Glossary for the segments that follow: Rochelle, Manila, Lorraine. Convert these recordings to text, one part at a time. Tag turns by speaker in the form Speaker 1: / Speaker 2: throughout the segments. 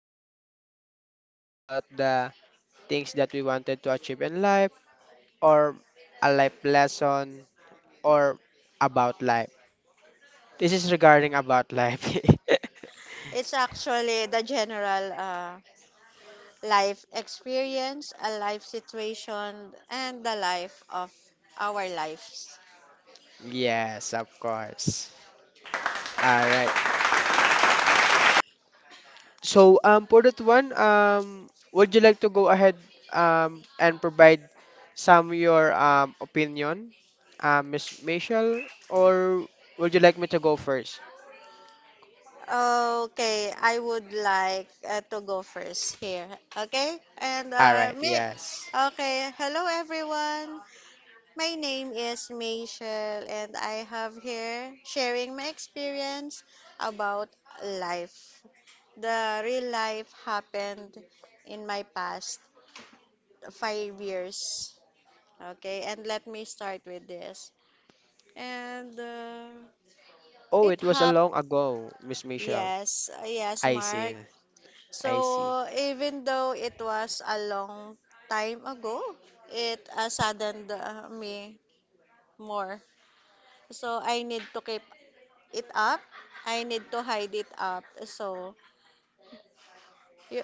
Speaker 1: Michelle, and we will talk about the things that we wanted to achieve in life, or a life lesson, or about life. This is regarding about life.
Speaker 2: It's actually the general life experience, a life situation, and the life of our lives.
Speaker 1: Yes, of course. All right. So, for that one, would you like to go ahead and provide some your opinion, Miss Michelle, or would you like me to go first?
Speaker 2: Okay, I would like to go first here. Okay, and
Speaker 1: All right,
Speaker 2: me.
Speaker 1: yes.
Speaker 2: Okay, hello everyone. My name is Michelle, and I have here sharing my experience about life. The real life happened in my past 5 years. Okay, and let me start with this. And
Speaker 1: Oh,
Speaker 2: it
Speaker 1: it was a
Speaker 2: happened.
Speaker 1: long ago, Miss Michelle.
Speaker 2: Yes, yes,
Speaker 1: I see,
Speaker 2: Mark.
Speaker 1: I see.
Speaker 2: So even though it was a long time ago, it saddened me more. So I need to keep it up. I need to hide it up. So you,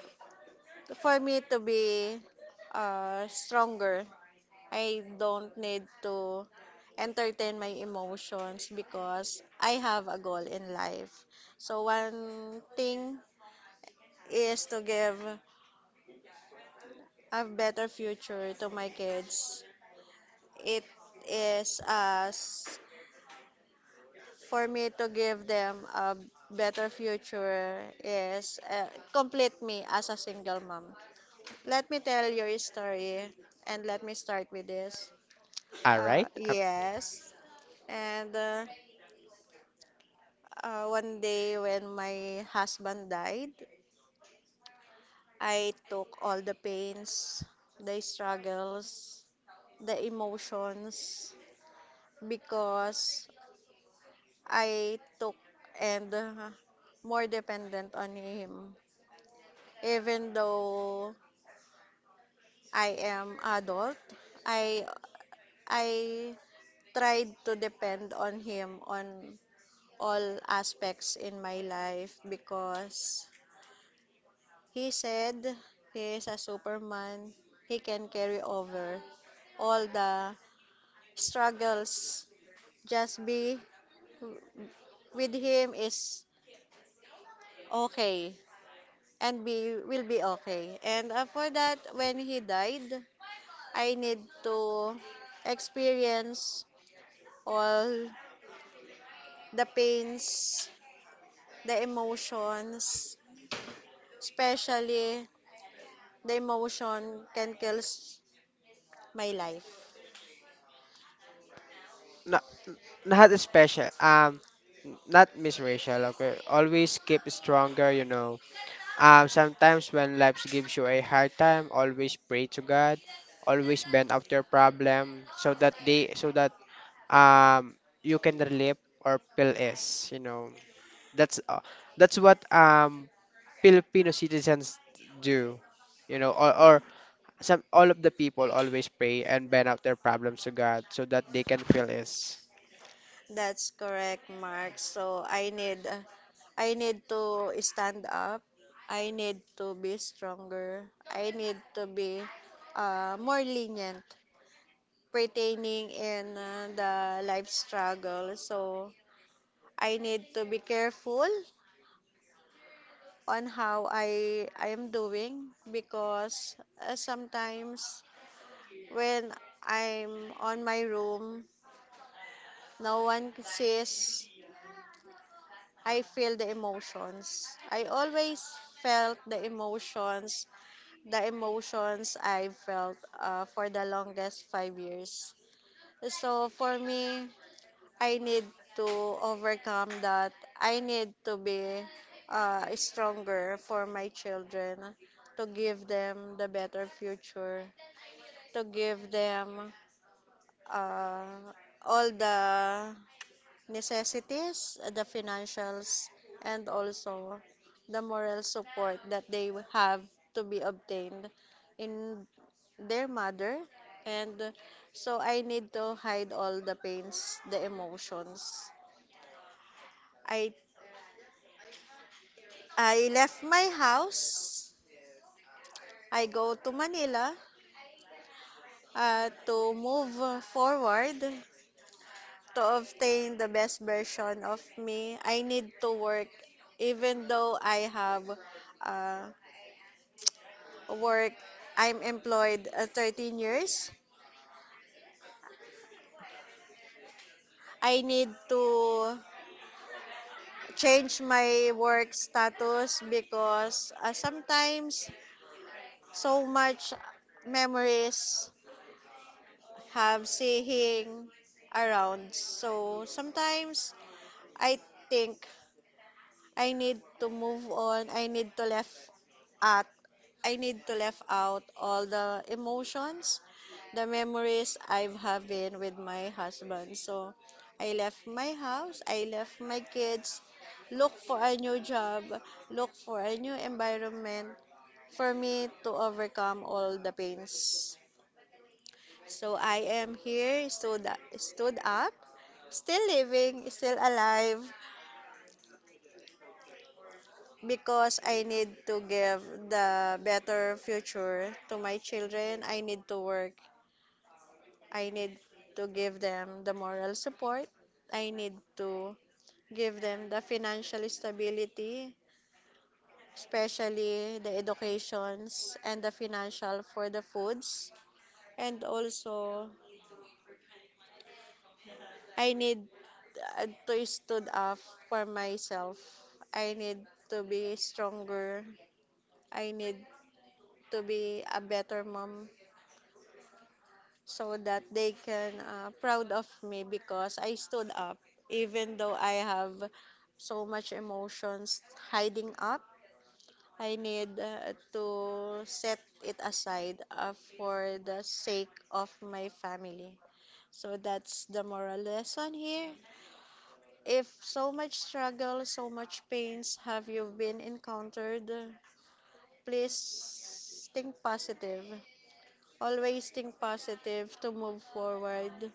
Speaker 2: for me to be stronger I don't need to entertain my emotions because I have a goal in life. So one thing is to give a better future to my kids. It is as for me to give them a better future is complete me as a single mom. Let me tell your story and let me start with this.
Speaker 1: All right.
Speaker 2: Yes. And One day when my husband died, I took all the pains, the struggles, the emotions because I took and more dependent on him. Even though I am adult, I I tried to depend on him on all aspects in my life because he said he is a superman. He can carry over all the struggles. Just be with him is okay and be will be okay. And after that, when he died, I need to experience all the pains, the emotions, especially the emotion can kill my life.
Speaker 1: No, not special. Not Miss Rachel. Okay, always keep stronger. You know. Sometimes when life gives you a hard time, always pray to God, always bend out your problem so that um you can relieve or pill is, you know. That's what Filipino citizens do. You know, or some all of the people always pray and bend out their problems to God so that they can feel is.
Speaker 2: That's correct, Mark. So I need to stand up. I need to be stronger. I need to be more lenient pertaining in the life struggle. So I need to be careful on how I am doing because sometimes when I'm on my room, no one sees I feel the emotions. I always felt the emotions I felt for the longest 5 years. So for me, I need to overcome that. I need to be stronger for my children, to give them the better future, to give them uh, all the necessities, the financials, and also the moral support that they have to be obtained in their mother. And so I need to hide all the pains, the emotions. I I left my house. I go to Manila to move forward to obtain the best version of me. I need to work even though I have uh, work. I'm employed 13 years. I need to change my work status because sometimes so much memories have seeing around. So sometimes I think I need to move on. I need to left at I need to left out all the emotions, the memories I've having with my husband. So I left my house, I left my kids, look for a new job, look for a new environment for me to overcome all the pains. So I am here, stood up, still living, still alive, because I need to give the better future to my children. I need to work. I need to give them the moral support. I need to give them the financial stability, especially the educations and the financial for the foods. And also, I need to stood up for myself. I need to be stronger. I need to be a better mom so that they can proud of me because I stood up even though I have so much emotions hiding up I need to set it aside for the sake of my family. So that's the moral lesson here. If so much struggle so much pains have you been encountered, please think positive, always think positive to move forward,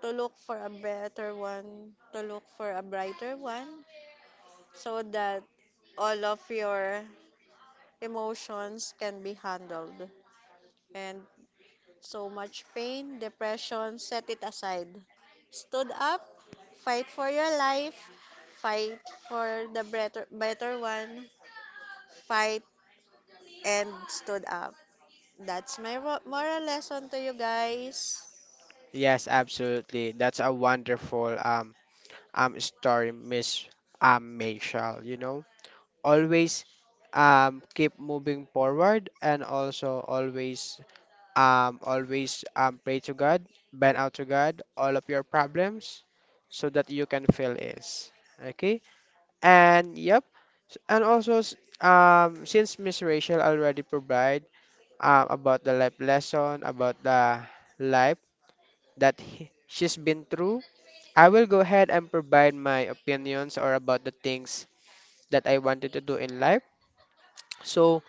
Speaker 2: to look for a better one, to look for a brighter one, so that all of your emotions can be handled. And so much pain, depression, set it aside. Stood up, fight for your life, fight for the better, better one, fight and stood up. That's my moral lesson to you guys.
Speaker 1: Yes, absolutely. That's a wonderful story, Miss Michelle, you know. Always keep moving forward, and also always pray to God, bend out to God all of your problems so that you can feel is okay. And yep, s- and also s- since Miss Rachel already provide about the life lesson about the life that she's been through, I will go ahead and provide my opinions or about the things that I wanted to do in life. So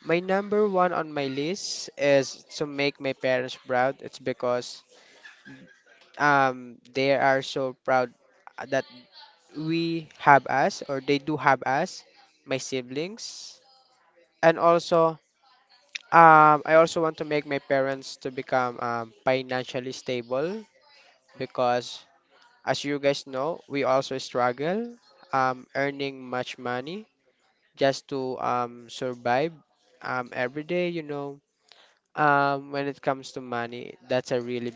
Speaker 1: my number one on my list is to make my parents proud. It's because they are so proud that we have us, or they do have us, my siblings. And also I also want to make my parents to become financially stable, because as you guys know, we also struggle earning much money just to survive every day, you know. When it comes to money, that's a really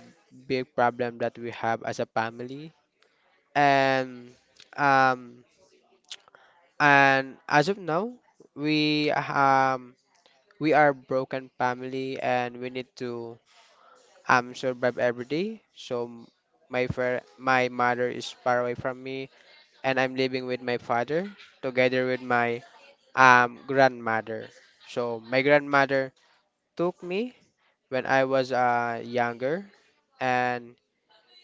Speaker 1: big problem that we have as a family. And um, as of now, we um we are broken family, and we need to survive every day. So my mother is far away from me, and I'm living with my father together with my grandmother. So my grandmother took me when I was younger, and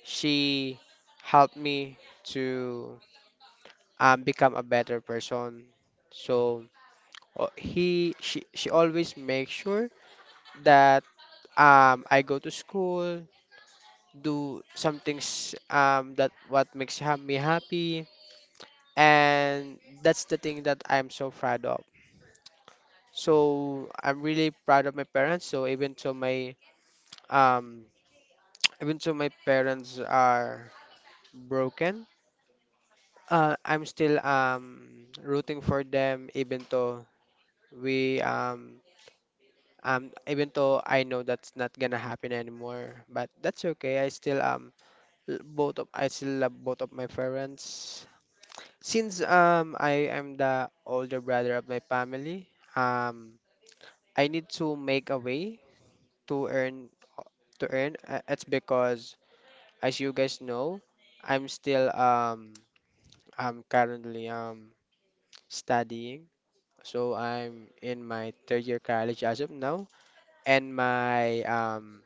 Speaker 1: she helped me to become a better person. So she always makes sure that I go to school, do some things that what makes me happy, and that's the thing that I'm so proud of. So I'm really proud of my parents. So even though my um, even though my parents are broken, I'm still rooting for them, we um even though I know that's not gonna happen anymore, but that's okay. I still love both of my parents. Since I am the older brother of my family, I need to make a way to earn to earn. It's because as you guys know, I'm still um I'm currently studying. So I'm in my third year college as of now, and my um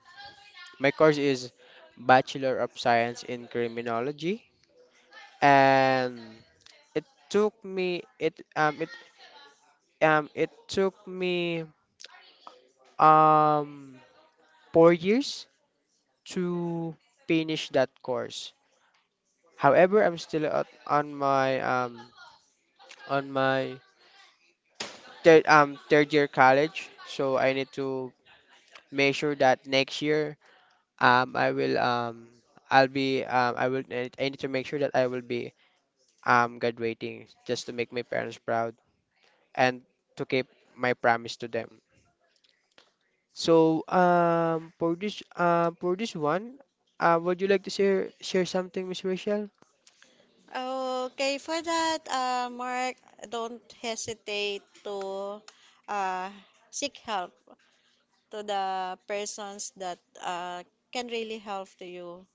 Speaker 1: my course is Bachelor of Science in Criminology, and it took me it um it it took me um 4 years to finish that course. However, I'm still on my on my third year college, so I need to make sure that next year, I will I'll be I will I need to make sure that I will be graduating, just to make my parents proud and to keep my promise to them. So for this one, would you like to share something, Miss Rachel?
Speaker 2: Okay, for that, Mark, don't hesitate to uh, seek help to the persons that can really help to you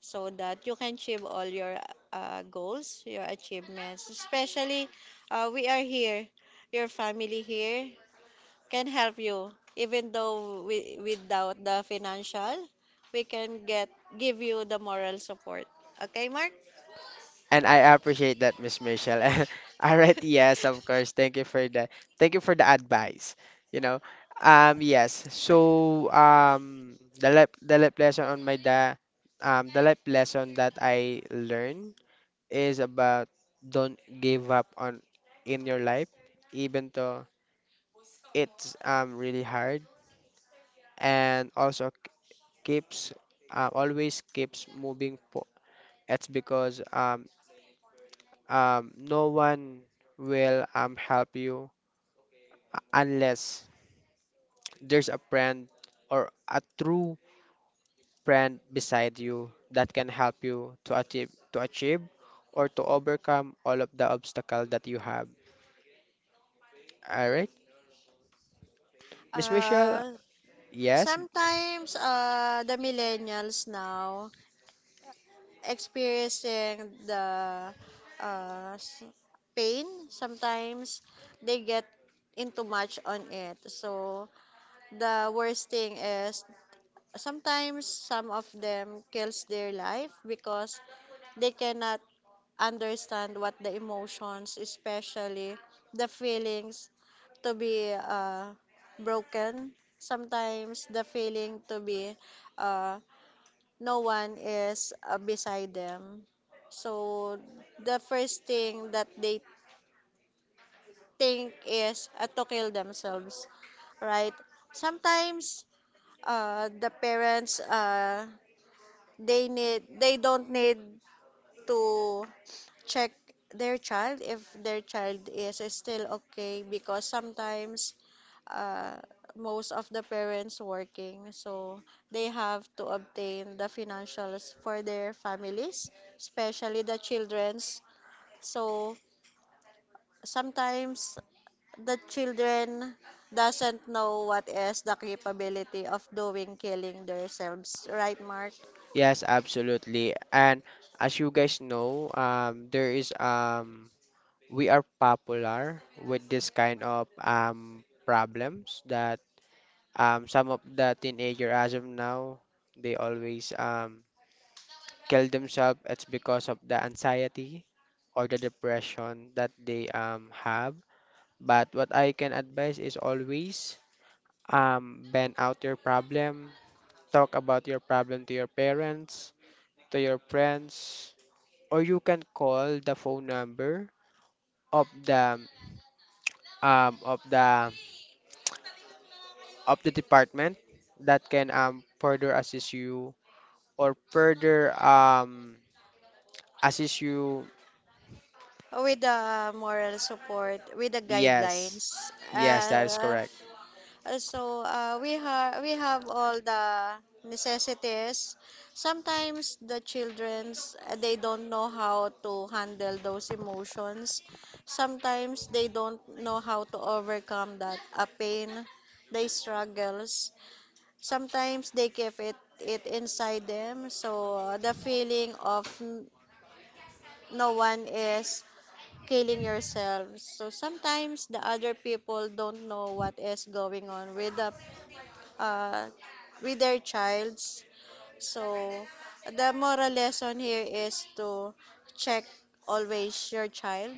Speaker 2: so that you can achieve all your goals, your achievements. Especially, we are here, your family here can help you. Even though we, without the financial, we can get give you the moral support. Okay, Mark?
Speaker 1: And I appreciate that, Miss Michelle. All right, yes, of course. Thank you for the advice. You know, yes. So the life the life lesson on my da the life lesson that I learned is about don't give up on in your life, even though it's really hard, and also k- keeps always keeps moving. It's because no one will help you, unless there's a friend or a true friend beside you that can help you to achieve, or to overcome all of the obstacle that you have. All right, Miss Michelle.
Speaker 2: Uh,
Speaker 1: Yes,
Speaker 2: Sometimes the millennials now experiencing the uh, s- pain. Sometimes they get into much on it. So the worst thing is sometimes some of them kills their life because they cannot understand what the emotions, especially the feelings to be broken, sometimes the feeling to be uh, no one is beside them. So the first thing that they think is to kill themselves, right? Sometimes the parents they need they don't need to check their child if their child is still okay because sometimes uh, most of the parents working, so they have to obtain the financials for their families, especially the children's. So sometimes the children doesn't know what is the capability of doing killing themselves, right Mark?
Speaker 1: yes, absolutely. And as you guys know, there is we are popular with this kind of problems that, some of the teenager as of now, they always kill themselves. It's because of the anxiety or the depression that they have. But what I can advise is always bend out your problem, talk about your problem to your parents, to your friends, or you can call the phone number of the um, of the of the department that can further assist you, or further assist you.
Speaker 2: With the moral support, with the
Speaker 1: Yes.
Speaker 2: guidelines.
Speaker 1: Yes, that is
Speaker 2: Uh,
Speaker 1: correct.
Speaker 2: f- so we have all the necessities. Sometimes the childrens they don't know how to handle those emotions. Sometimes they don't know how to overcome that a pain. They struggles. Sometimes they keep it inside them. So the feeling of no one is killing yourselves. So sometimes the other people don't know what is going on with the uh, with their childs. So the moral lesson here is to check always your child,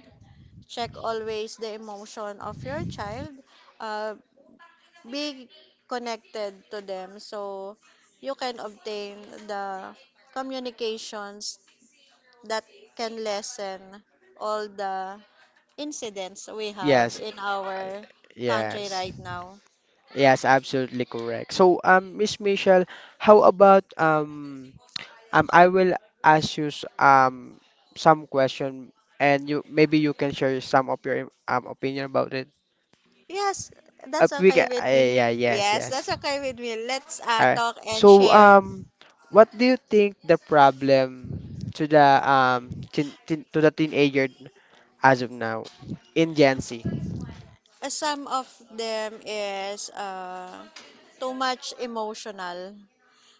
Speaker 2: check always the emotion of your child, uh, be connected to them so you can obtain the communications that can lessen all the incidents we have
Speaker 1: Yes.
Speaker 2: in
Speaker 1: I-
Speaker 2: our country
Speaker 1: Yes.
Speaker 2: right now.
Speaker 1: Yes, absolutely correct. So, Miss Michelle, how about I will ask you some question, and you maybe you can share some of your opinion about it.
Speaker 2: Yes, that's
Speaker 1: We
Speaker 2: okay
Speaker 1: can,
Speaker 2: with me.
Speaker 1: yeah, yes,
Speaker 2: Yes, that's
Speaker 1: yes.
Speaker 2: okay with me. Let's
Speaker 1: All right.
Speaker 2: talk and
Speaker 1: So,
Speaker 2: share.
Speaker 1: what do you think the problem to the to the teenager as of now in Gen Z.
Speaker 2: Some of them is too much emotional.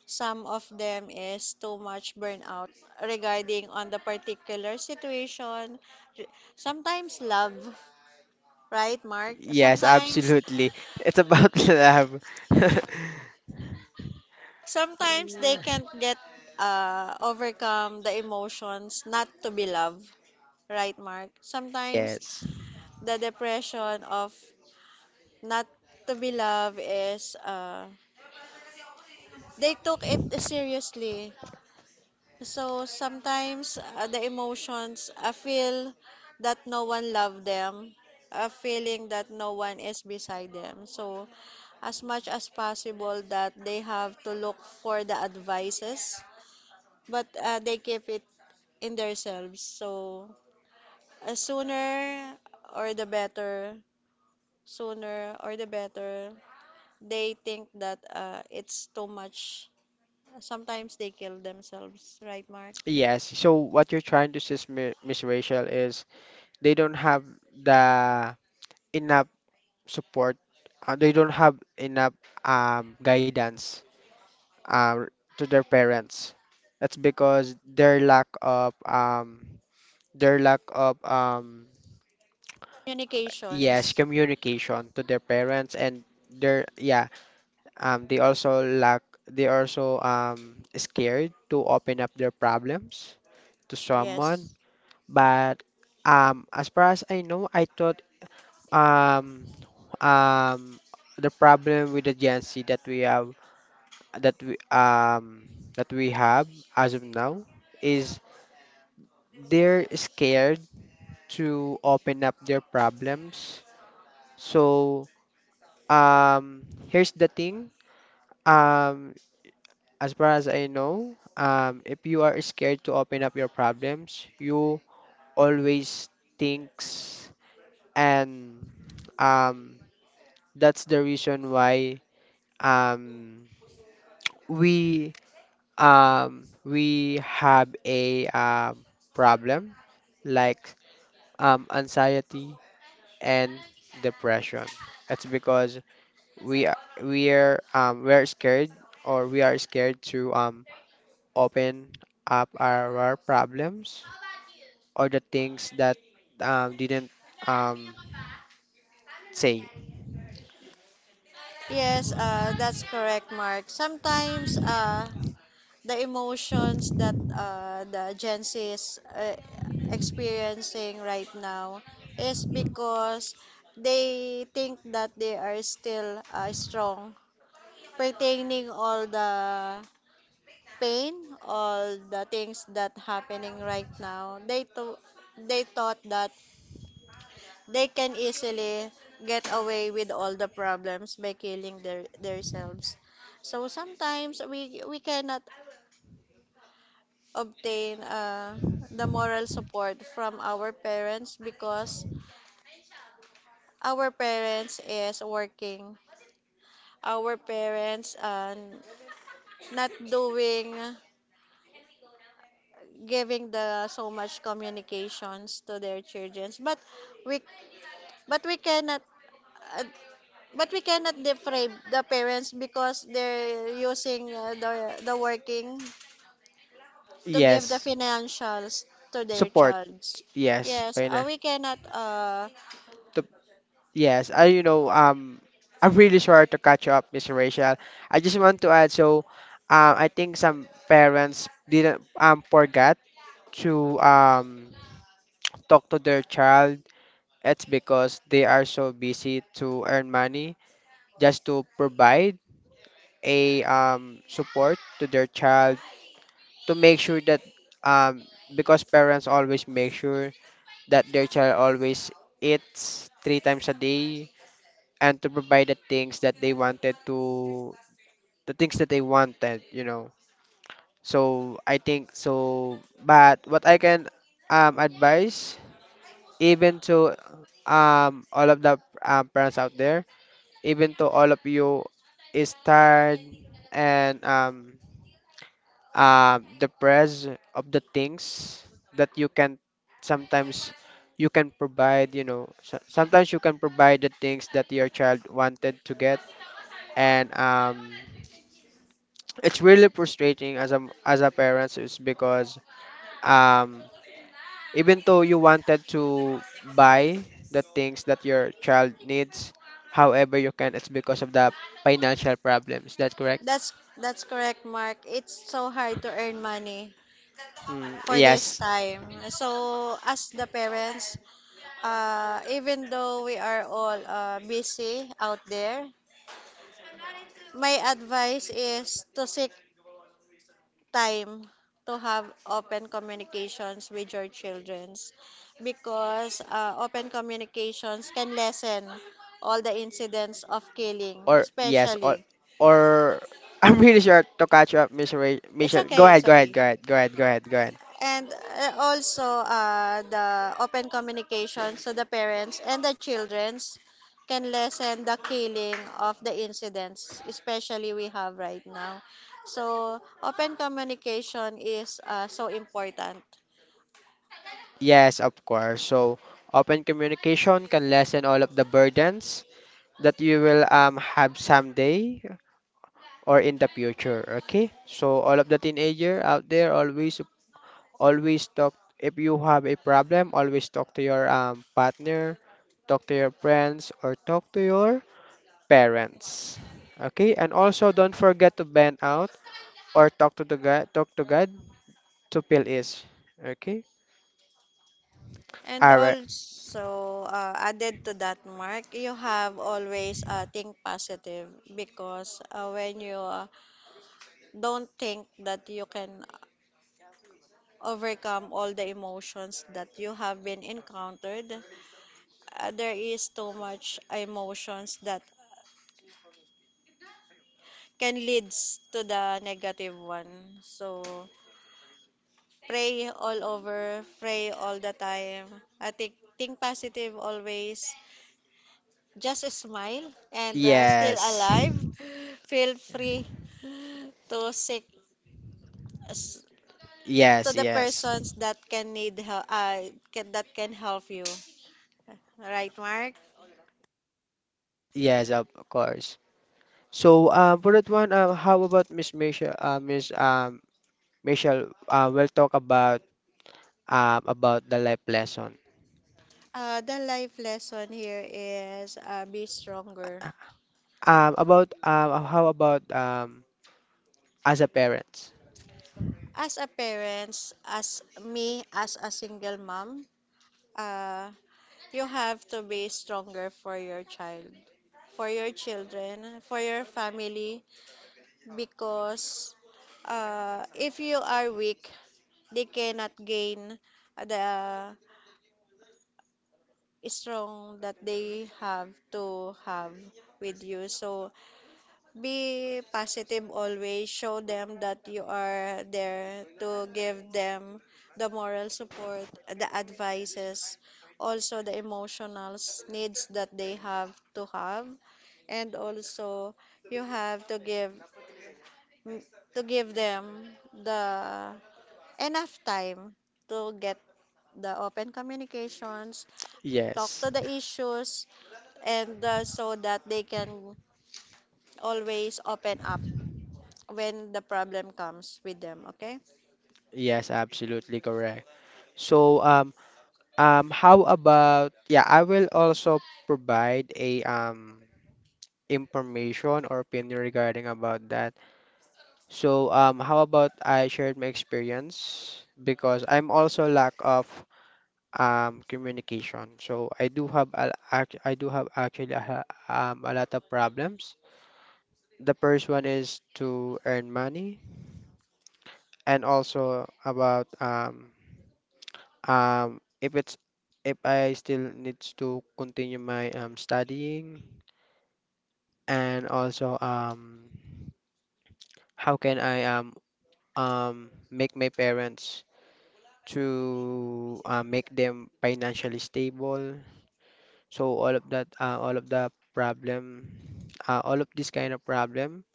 Speaker 2: Some of them is too much burnout regarding on the particular situation. Sometimes love, right, Mark?
Speaker 1: Yes,
Speaker 2: Sometimes.
Speaker 1: absolutely. It's about love.
Speaker 2: Sometimes they can't get overcome the emotions not to be loved, right, Mark? Sometimes
Speaker 1: Yes.
Speaker 2: the depression of not to be loved is they took it seriously. So sometimes the emotions, I feel that no one loved them, a feeling that no one is beside them. So as much as possible that they have to look for the advices but they keep it in themselves. So, sooner or the better, sooner or the better, they think that it's too much. Sometimes they kill themselves, right, Mark?
Speaker 1: Yes. So what you're trying to say, Miss Rachel, is they don't have the enough support. They don't have enough guidance uh, to their parents. That's because their lack of yes,
Speaker 2: Communications,
Speaker 1: communication to their parents and their yeah, they also scared to open up their problems to someone.
Speaker 2: yes.
Speaker 1: But as far as I know, I thought um, um, the problem with the Gen Z that we um that we have as of now is they're scared to open up their problems. So um, here's the thing. Um, As far as I know, if you are scared to open up your problems, you always thinks, and um, that's the reason why um, we we have a problem like anxiety and depression. That's because we are, we're scared, or we are scared to open up our problems, or the things that didn't um, say.
Speaker 2: Yes, that's correct, Mark. Sometimes the emotions that the Gen Z is experiencing right now is because they think that they are still strong pertaining all the pain all the things that happening right now they thought that they can easily get away with all the problems by killing their themselves. So sometimes we cannot obtain the moral support from our parents because our parents is working, our parents not doing giving the so much communications to their children. But we but we cannot uh, but we cannot deprive the parents because they're using the working to give the
Speaker 1: Yes,
Speaker 2: financials to their
Speaker 1: support.
Speaker 2: childs,
Speaker 1: Yes,
Speaker 2: yes
Speaker 1: Paina.
Speaker 2: we cannot
Speaker 1: To, yes, I you know I'm really sorry to catch you up, Mr. Rachel. I just want to add so I think some parents didn't forgot to talk to their child. It's because they are so busy to earn money just to provide a support to their child, to make sure that, um, because parents always make sure that their child always eats three times a day, and to provide the things that they wanted. So I think so. But what I can advise, even to all of the parents out there, even to all of you, is tired, and the price of the things that you can sometimes you can provide, you know. Sometimes you can provide the things that your child wanted to get, and it's really frustrating as a parent, is because um, even though you wanted to buy the things that your child needs, however you can, it's because of the financial problems. That's correct.
Speaker 2: That's that's correct, Mark. It's so hard to earn money
Speaker 1: Mm,
Speaker 2: for this
Speaker 1: yes.
Speaker 2: time. So as the parents, even though we are all busy out there, my advice is to seek time to have open communications with your childrens because open communications can lessen all the incidents of killing,
Speaker 1: or yes, or
Speaker 2: especially.
Speaker 1: or I'm really sure to catch up,
Speaker 2: It's
Speaker 1: Michelle. Go
Speaker 2: okay,
Speaker 1: ahead,
Speaker 2: it's
Speaker 1: go ahead,
Speaker 2: okay.
Speaker 1: go ahead, go ahead, go ahead, go ahead.
Speaker 2: And also the open communication so the parents and the childrens can lessen the killing of the incidents especially we have right now. So open communication is so important.
Speaker 1: Yes, of course. So open communication can lessen all of the burdens that you will have someday or in the future. Okay. So all of the teenager out there, always talk. If you have a problem, always talk to your partner, talk to your friends, or talk to your parents. Okay. And also don't forget to bend out or talk to the God, talk to God to feel is. Okay?
Speaker 2: And
Speaker 1: All right.
Speaker 2: also added to that Mark you have always think positive because when you don't think that you can overcome all the emotions that you have been encountered, there is too much emotions that can leads to the negative one. So pray all over, pray all the time. I think positive always. Just smile and still
Speaker 1: Yes.
Speaker 2: alive. Feel free to seek s- to
Speaker 1: Yes,
Speaker 2: the
Speaker 1: yes.
Speaker 2: persons that can need help that can help you. Right, Mark?
Speaker 1: Yes, of course. So, for that one, how about Miss Michelle? Miss Michelle, we'll talk about the life lesson.
Speaker 2: The life lesson here is be stronger.
Speaker 1: About How about as a parent?
Speaker 2: As a parents, as me, as a single mom, uh, you have to be stronger for your child, for your children, for your family, because if you are weak, they cannot gain the strong that they have to have with you. So be positive always. Show them that you are there to give them the moral support, the advices, also the emotional needs that they have to have. And also you have to give them the enough time to get the open communications, talk
Speaker 1: Yes,
Speaker 2: to the issues and so that they can always open up when the problem comes with them, okay?
Speaker 1: yes, absolutely correct. So, how about yeah? I will also provide a information or opinion regarding about that. So how about I shared my experience, because I'm also lack of communication. So I do have actually a, a lot of problems. The first one is to earn money, and also about um, if it's if I still needs to continue my studying, and also how can I make my parents to make them financially stable. So all of that, all of this kind of problem,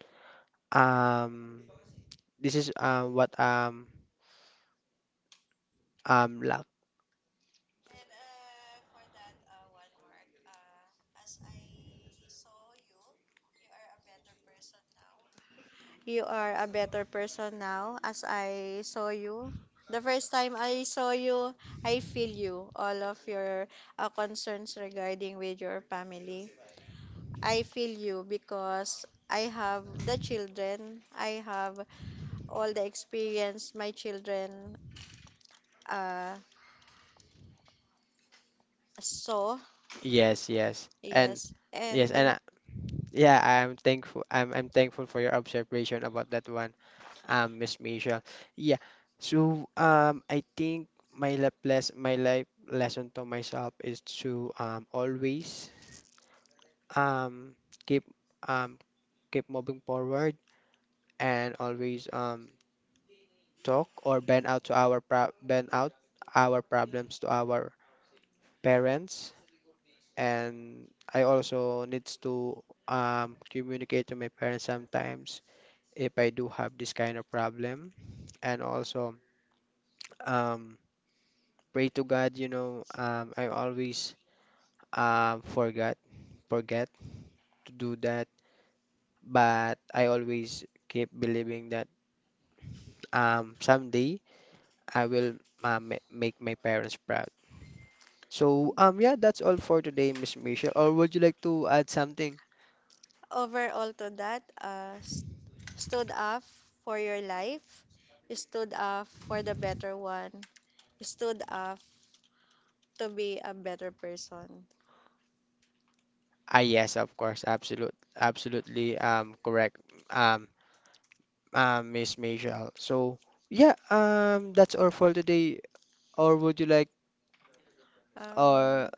Speaker 1: um, this is what lack.
Speaker 2: You are a better person now as I saw you. The first time I saw you, I feel you, all of your concerns regarding with your family. I feel you because I have the children, I have all the experience my children uh, saw,
Speaker 1: Yes, yes, and
Speaker 2: yes.
Speaker 1: yes,
Speaker 2: And
Speaker 1: and yeah, I'm thankful. I'm thankful for your observation about that one, Miss Michelle. Yeah. So I think my life lesson to myself is to always Um, keep um, keep moving forward, and always talk, or bend out our problems to our parents. And I also needs to communicate to my parents sometimes if I do have this kind of problem. And also um, pray to God. I always forgot forget to do that, but I always keep believing that someday I will ma make my parents proud. So, yeah, that's all for today, Miss Michelle. Or would you like to add something?
Speaker 2: overall to that, stood up for your life, stood up for the better one, stood up to be a better person.
Speaker 1: Ah, yes, of course, absolutely, correct, um, Miss Michelle. So, yeah, that's all for today. Or would you like, or
Speaker 2: Um,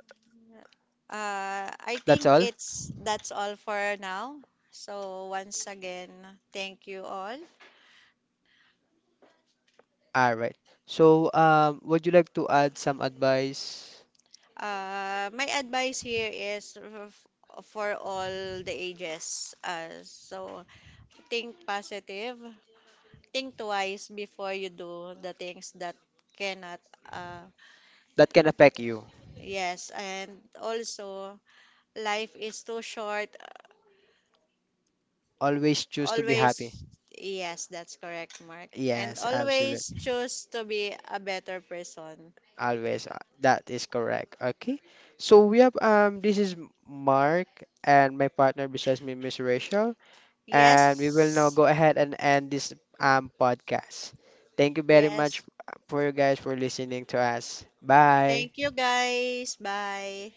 Speaker 2: I
Speaker 1: that's
Speaker 2: think
Speaker 1: all?
Speaker 2: it's that's all for now. So once again, thank you all.
Speaker 1: All right. So, would you like to add some advice
Speaker 2: My advice here is for all the ages. So think positive, think twice before you do the things that cannot. Uh,
Speaker 1: that can affect you?
Speaker 2: yes, and also life is too short.
Speaker 1: Always choose to be happy.
Speaker 2: Always, yes, that's correct, Mark. And
Speaker 1: Yes,
Speaker 2: always
Speaker 1: absolutely.
Speaker 2: choose to be a better person.
Speaker 1: Always. That is correct. Okay. So we have this is Mark, and my partner besides me, Miss Rachel, and we
Speaker 2: Yes,
Speaker 1: will now go ahead and end this podcast. Thank you very much
Speaker 2: yes.
Speaker 1: for you guys for listening to us. Bye.
Speaker 2: Thank you, guys. Bye.